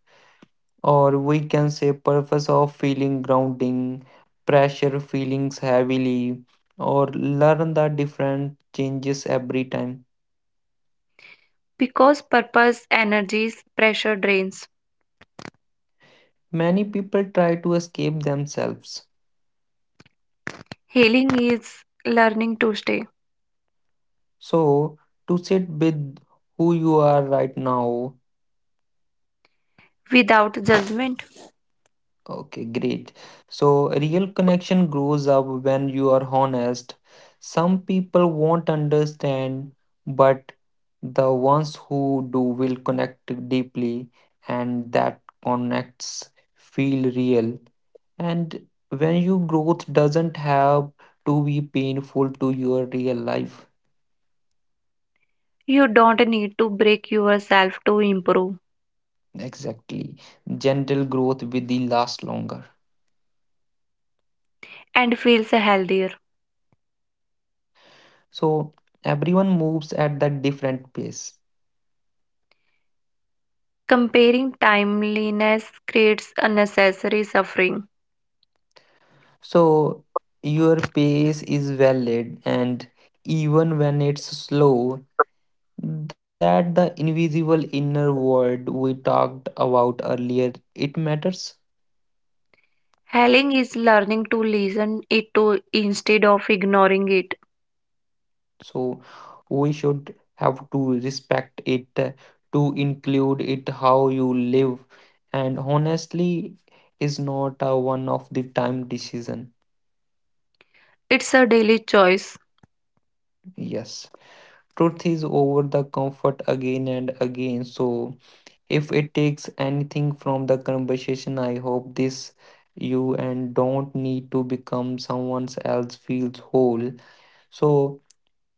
Speaker 1: or we can say purpose of feeling grounding pressure feelings heavily, or learn the different changes every time.
Speaker 2: because purpose, energies, pressure drains.
Speaker 1: Many people try to escape themselves,
Speaker 2: Healing is learning to stay
Speaker 1: so to sit with who you are right now.
Speaker 2: without judgment.
Speaker 1: Okay, great. So, real connection grows up when you are honest. Some people won't understand, but the ones who do will connect deeply, and that connects feel real. And when your growth doesn't have to be painful to your real life,
Speaker 2: You don't need to break yourself to improve
Speaker 1: exactly. Gentle growth will last longer.
Speaker 2: and feels healthier.
Speaker 1: So, everyone moves at that different pace.
Speaker 2: Comparing timeliness creates unnecessary suffering.
Speaker 1: So your pace is valid, and even when it's slow, that the invisible inner world we talked about earlier, it matters.
Speaker 2: Healing is learning to listen it to instead of ignoring it.
Speaker 1: So we should have to respect it, to include it how you live, and honestly, is not a one of the time decision.
Speaker 2: It's a daily choice
Speaker 1: Yes, truth is over the comfort again and again. So if it takes anything from the conversation, I hope this you and don't need to become someone else feels whole. So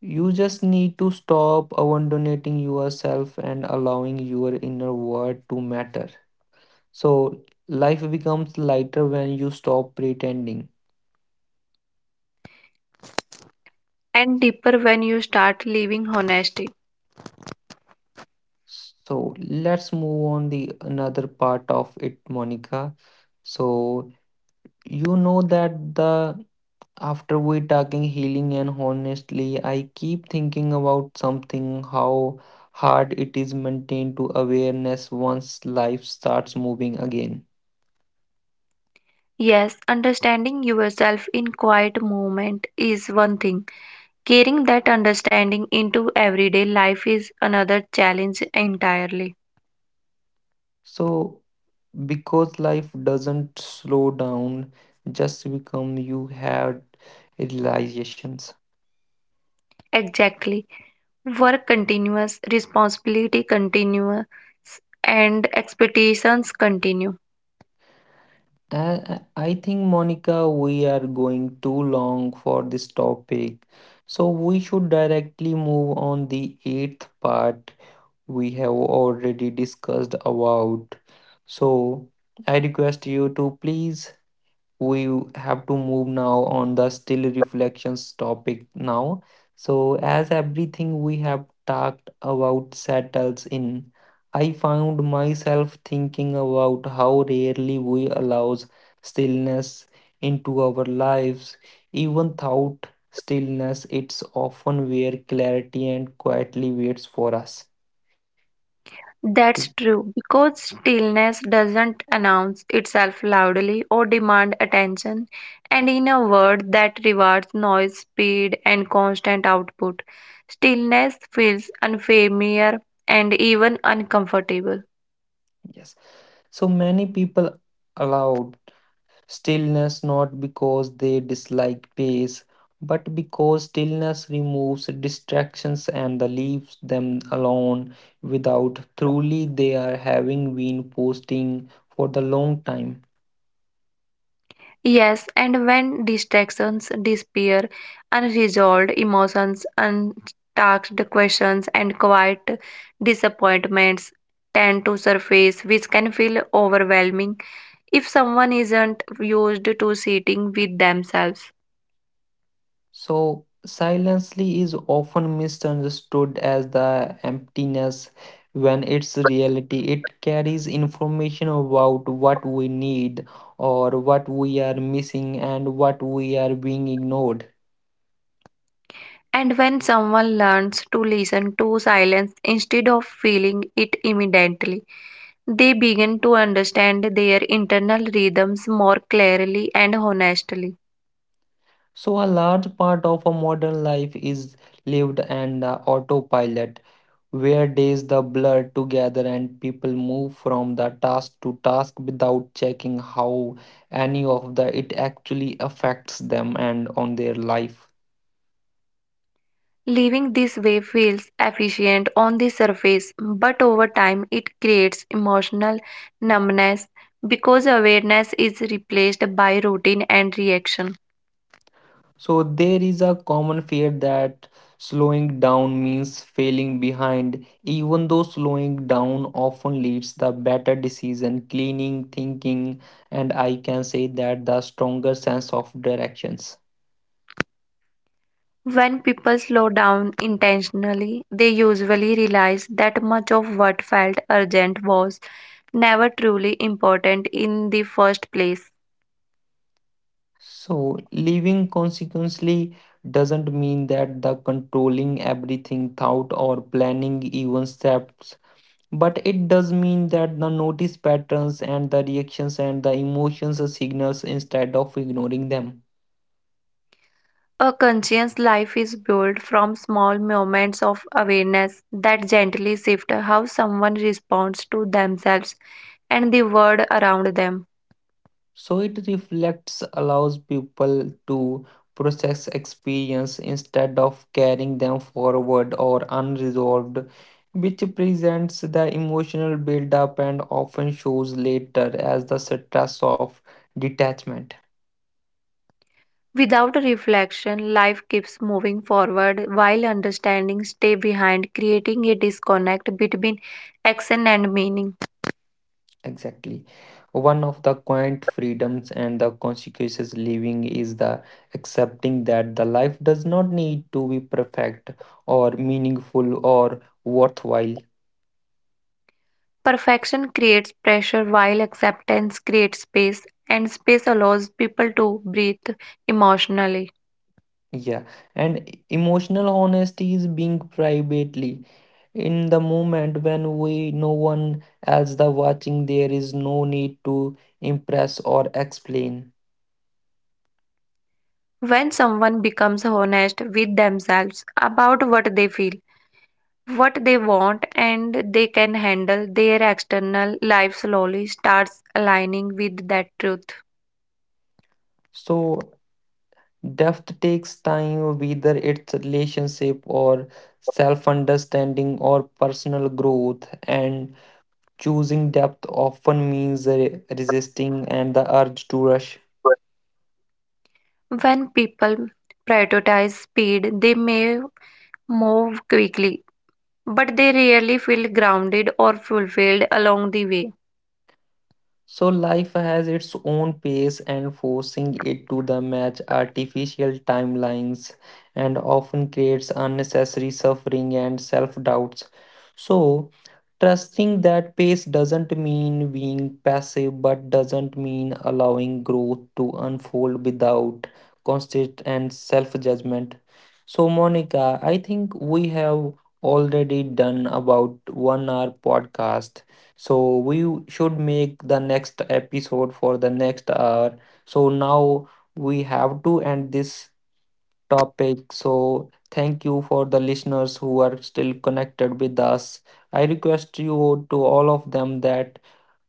Speaker 1: you just need to stop abandoning yourself and allowing your inner world to matter. So life becomes lighter when you stop pretending.
Speaker 2: and deeper when you start living honesty.
Speaker 1: So let's move on the another part of it, Monica. So you know that the after we talking healing and honestly, I keep thinking about something how hard it is maintained to awareness once life starts moving again.
Speaker 2: Yes, understanding yourself in quiet moment is one thing. Carrying that understanding into everyday life is another challenge entirely.
Speaker 1: So because life doesn't slow down, just become you had realizations.
Speaker 2: Exactly. Work continues, responsibility continues, and expectations continue.
Speaker 1: And I think Monica, we are going too long for this topic. So we should directly move on the eighth part we have already discussed about. So I request you to please we have to move now on the still reflections topic now. So as everything we have talked about settles in, I found myself thinking about how rarely we allows stillness into our lives, even thought stillness it's often where clarity and quietly waits for us.
Speaker 2: That's true, because stillness doesn't announce itself loudly or demand attention, and in a world that rewards noise, speed, and constant output, stillness feels unfamiliar and even uncomfortable.
Speaker 1: Yes. So many people allowed stillness not because they dislike pace, but because stillness removes distractions and leaves them alone without truly they are having been posting for the long time.
Speaker 2: Yes, and when distractions disappear, unresolved emotions, untasked questions, and quiet disappointments tend to surface, which can feel overwhelming if someone isn't used to sitting with themselves.
Speaker 1: So, silently is often misunderstood as the emptiness when it's reality. It carries information about what we need or what we are missing and what we are being ignored.
Speaker 2: And when someone learns to listen to silence instead of feeling it immediately, they begin to understand their internal rhythms more clearly and honestly.
Speaker 1: So, a large part of a modern life is lived and autopilot, where days the blur together and people move from the task to task without checking how any of the it actually affects them and on their life.
Speaker 2: Living this way feels efficient on the surface, but over time it creates emotional numbness because awareness is replaced by routine and reaction.
Speaker 1: So there is a common fear that slowing down means failing behind, even though slowing down often leads the better decision, cleaning thinking, and I can say that the stronger sense of directions.
Speaker 2: When people slow down intentionally, they usually realize that much of what felt urgent was never truly important in the first place.
Speaker 1: So living consequently doesn't mean that the controlling everything thought or planning even steps, but it does mean that the notice patterns and the reactions and the emotions as signals instead of ignoring them.
Speaker 2: A conscious life is built from small moments of awareness that gently shift how someone responds to themselves and the world around them.
Speaker 1: So it reflects allows people to process experience instead of carrying them forward or unresolved, which presents the emotional buildup and often shows later as the stress of detachment.
Speaker 2: Without reflection, life keeps moving forward while understanding stay behind, creating a disconnect between action and meaning.
Speaker 1: Exactly. One of the quiet freedoms and the consequences living is the accepting that the life does not need to be perfect or meaningful or worthwhile.
Speaker 2: Perfection creates pressure while acceptance creates space, and space allows people to breathe emotionally.
Speaker 1: Yeah, and emotional honesty is being privately in the moment when we no one else the watching. There is no need to impress or explain.
Speaker 2: When someone becomes honest with themselves about what they feel, what they want, and they can handle, their external life slowly starts aligning with that truth.
Speaker 1: So depth takes time, whether it's relationship or self-understanding or personal growth. And choosing depth often means resisting and the urge to rush.
Speaker 2: When people prioritize speed, they may move quickly, but they rarely feel grounded or fulfilled along the way.
Speaker 1: So life has its own pace and forcing it to the match artificial timelines and often creates unnecessary suffering and self-doubts. So trusting that pace doesn't mean being passive but doesn't mean allowing growth to unfold without constant and self-judgment. So Monica, I think we have already done about 1 hour podcast, so we should make the next episode for the next hour. So now we have to end this topic. So thank you for the listeners who are still connected with us. I request you to all of them that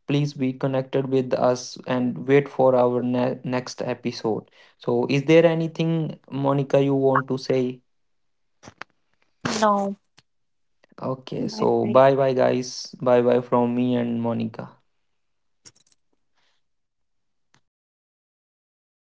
Speaker 1: please be connected with us and wait for our next episode. So is there anything Monica you want to say?
Speaker 2: Now,
Speaker 1: Okay,
Speaker 2: bye
Speaker 1: so
Speaker 2: bye.
Speaker 1: bye bye guys. Bye bye from me and Monica.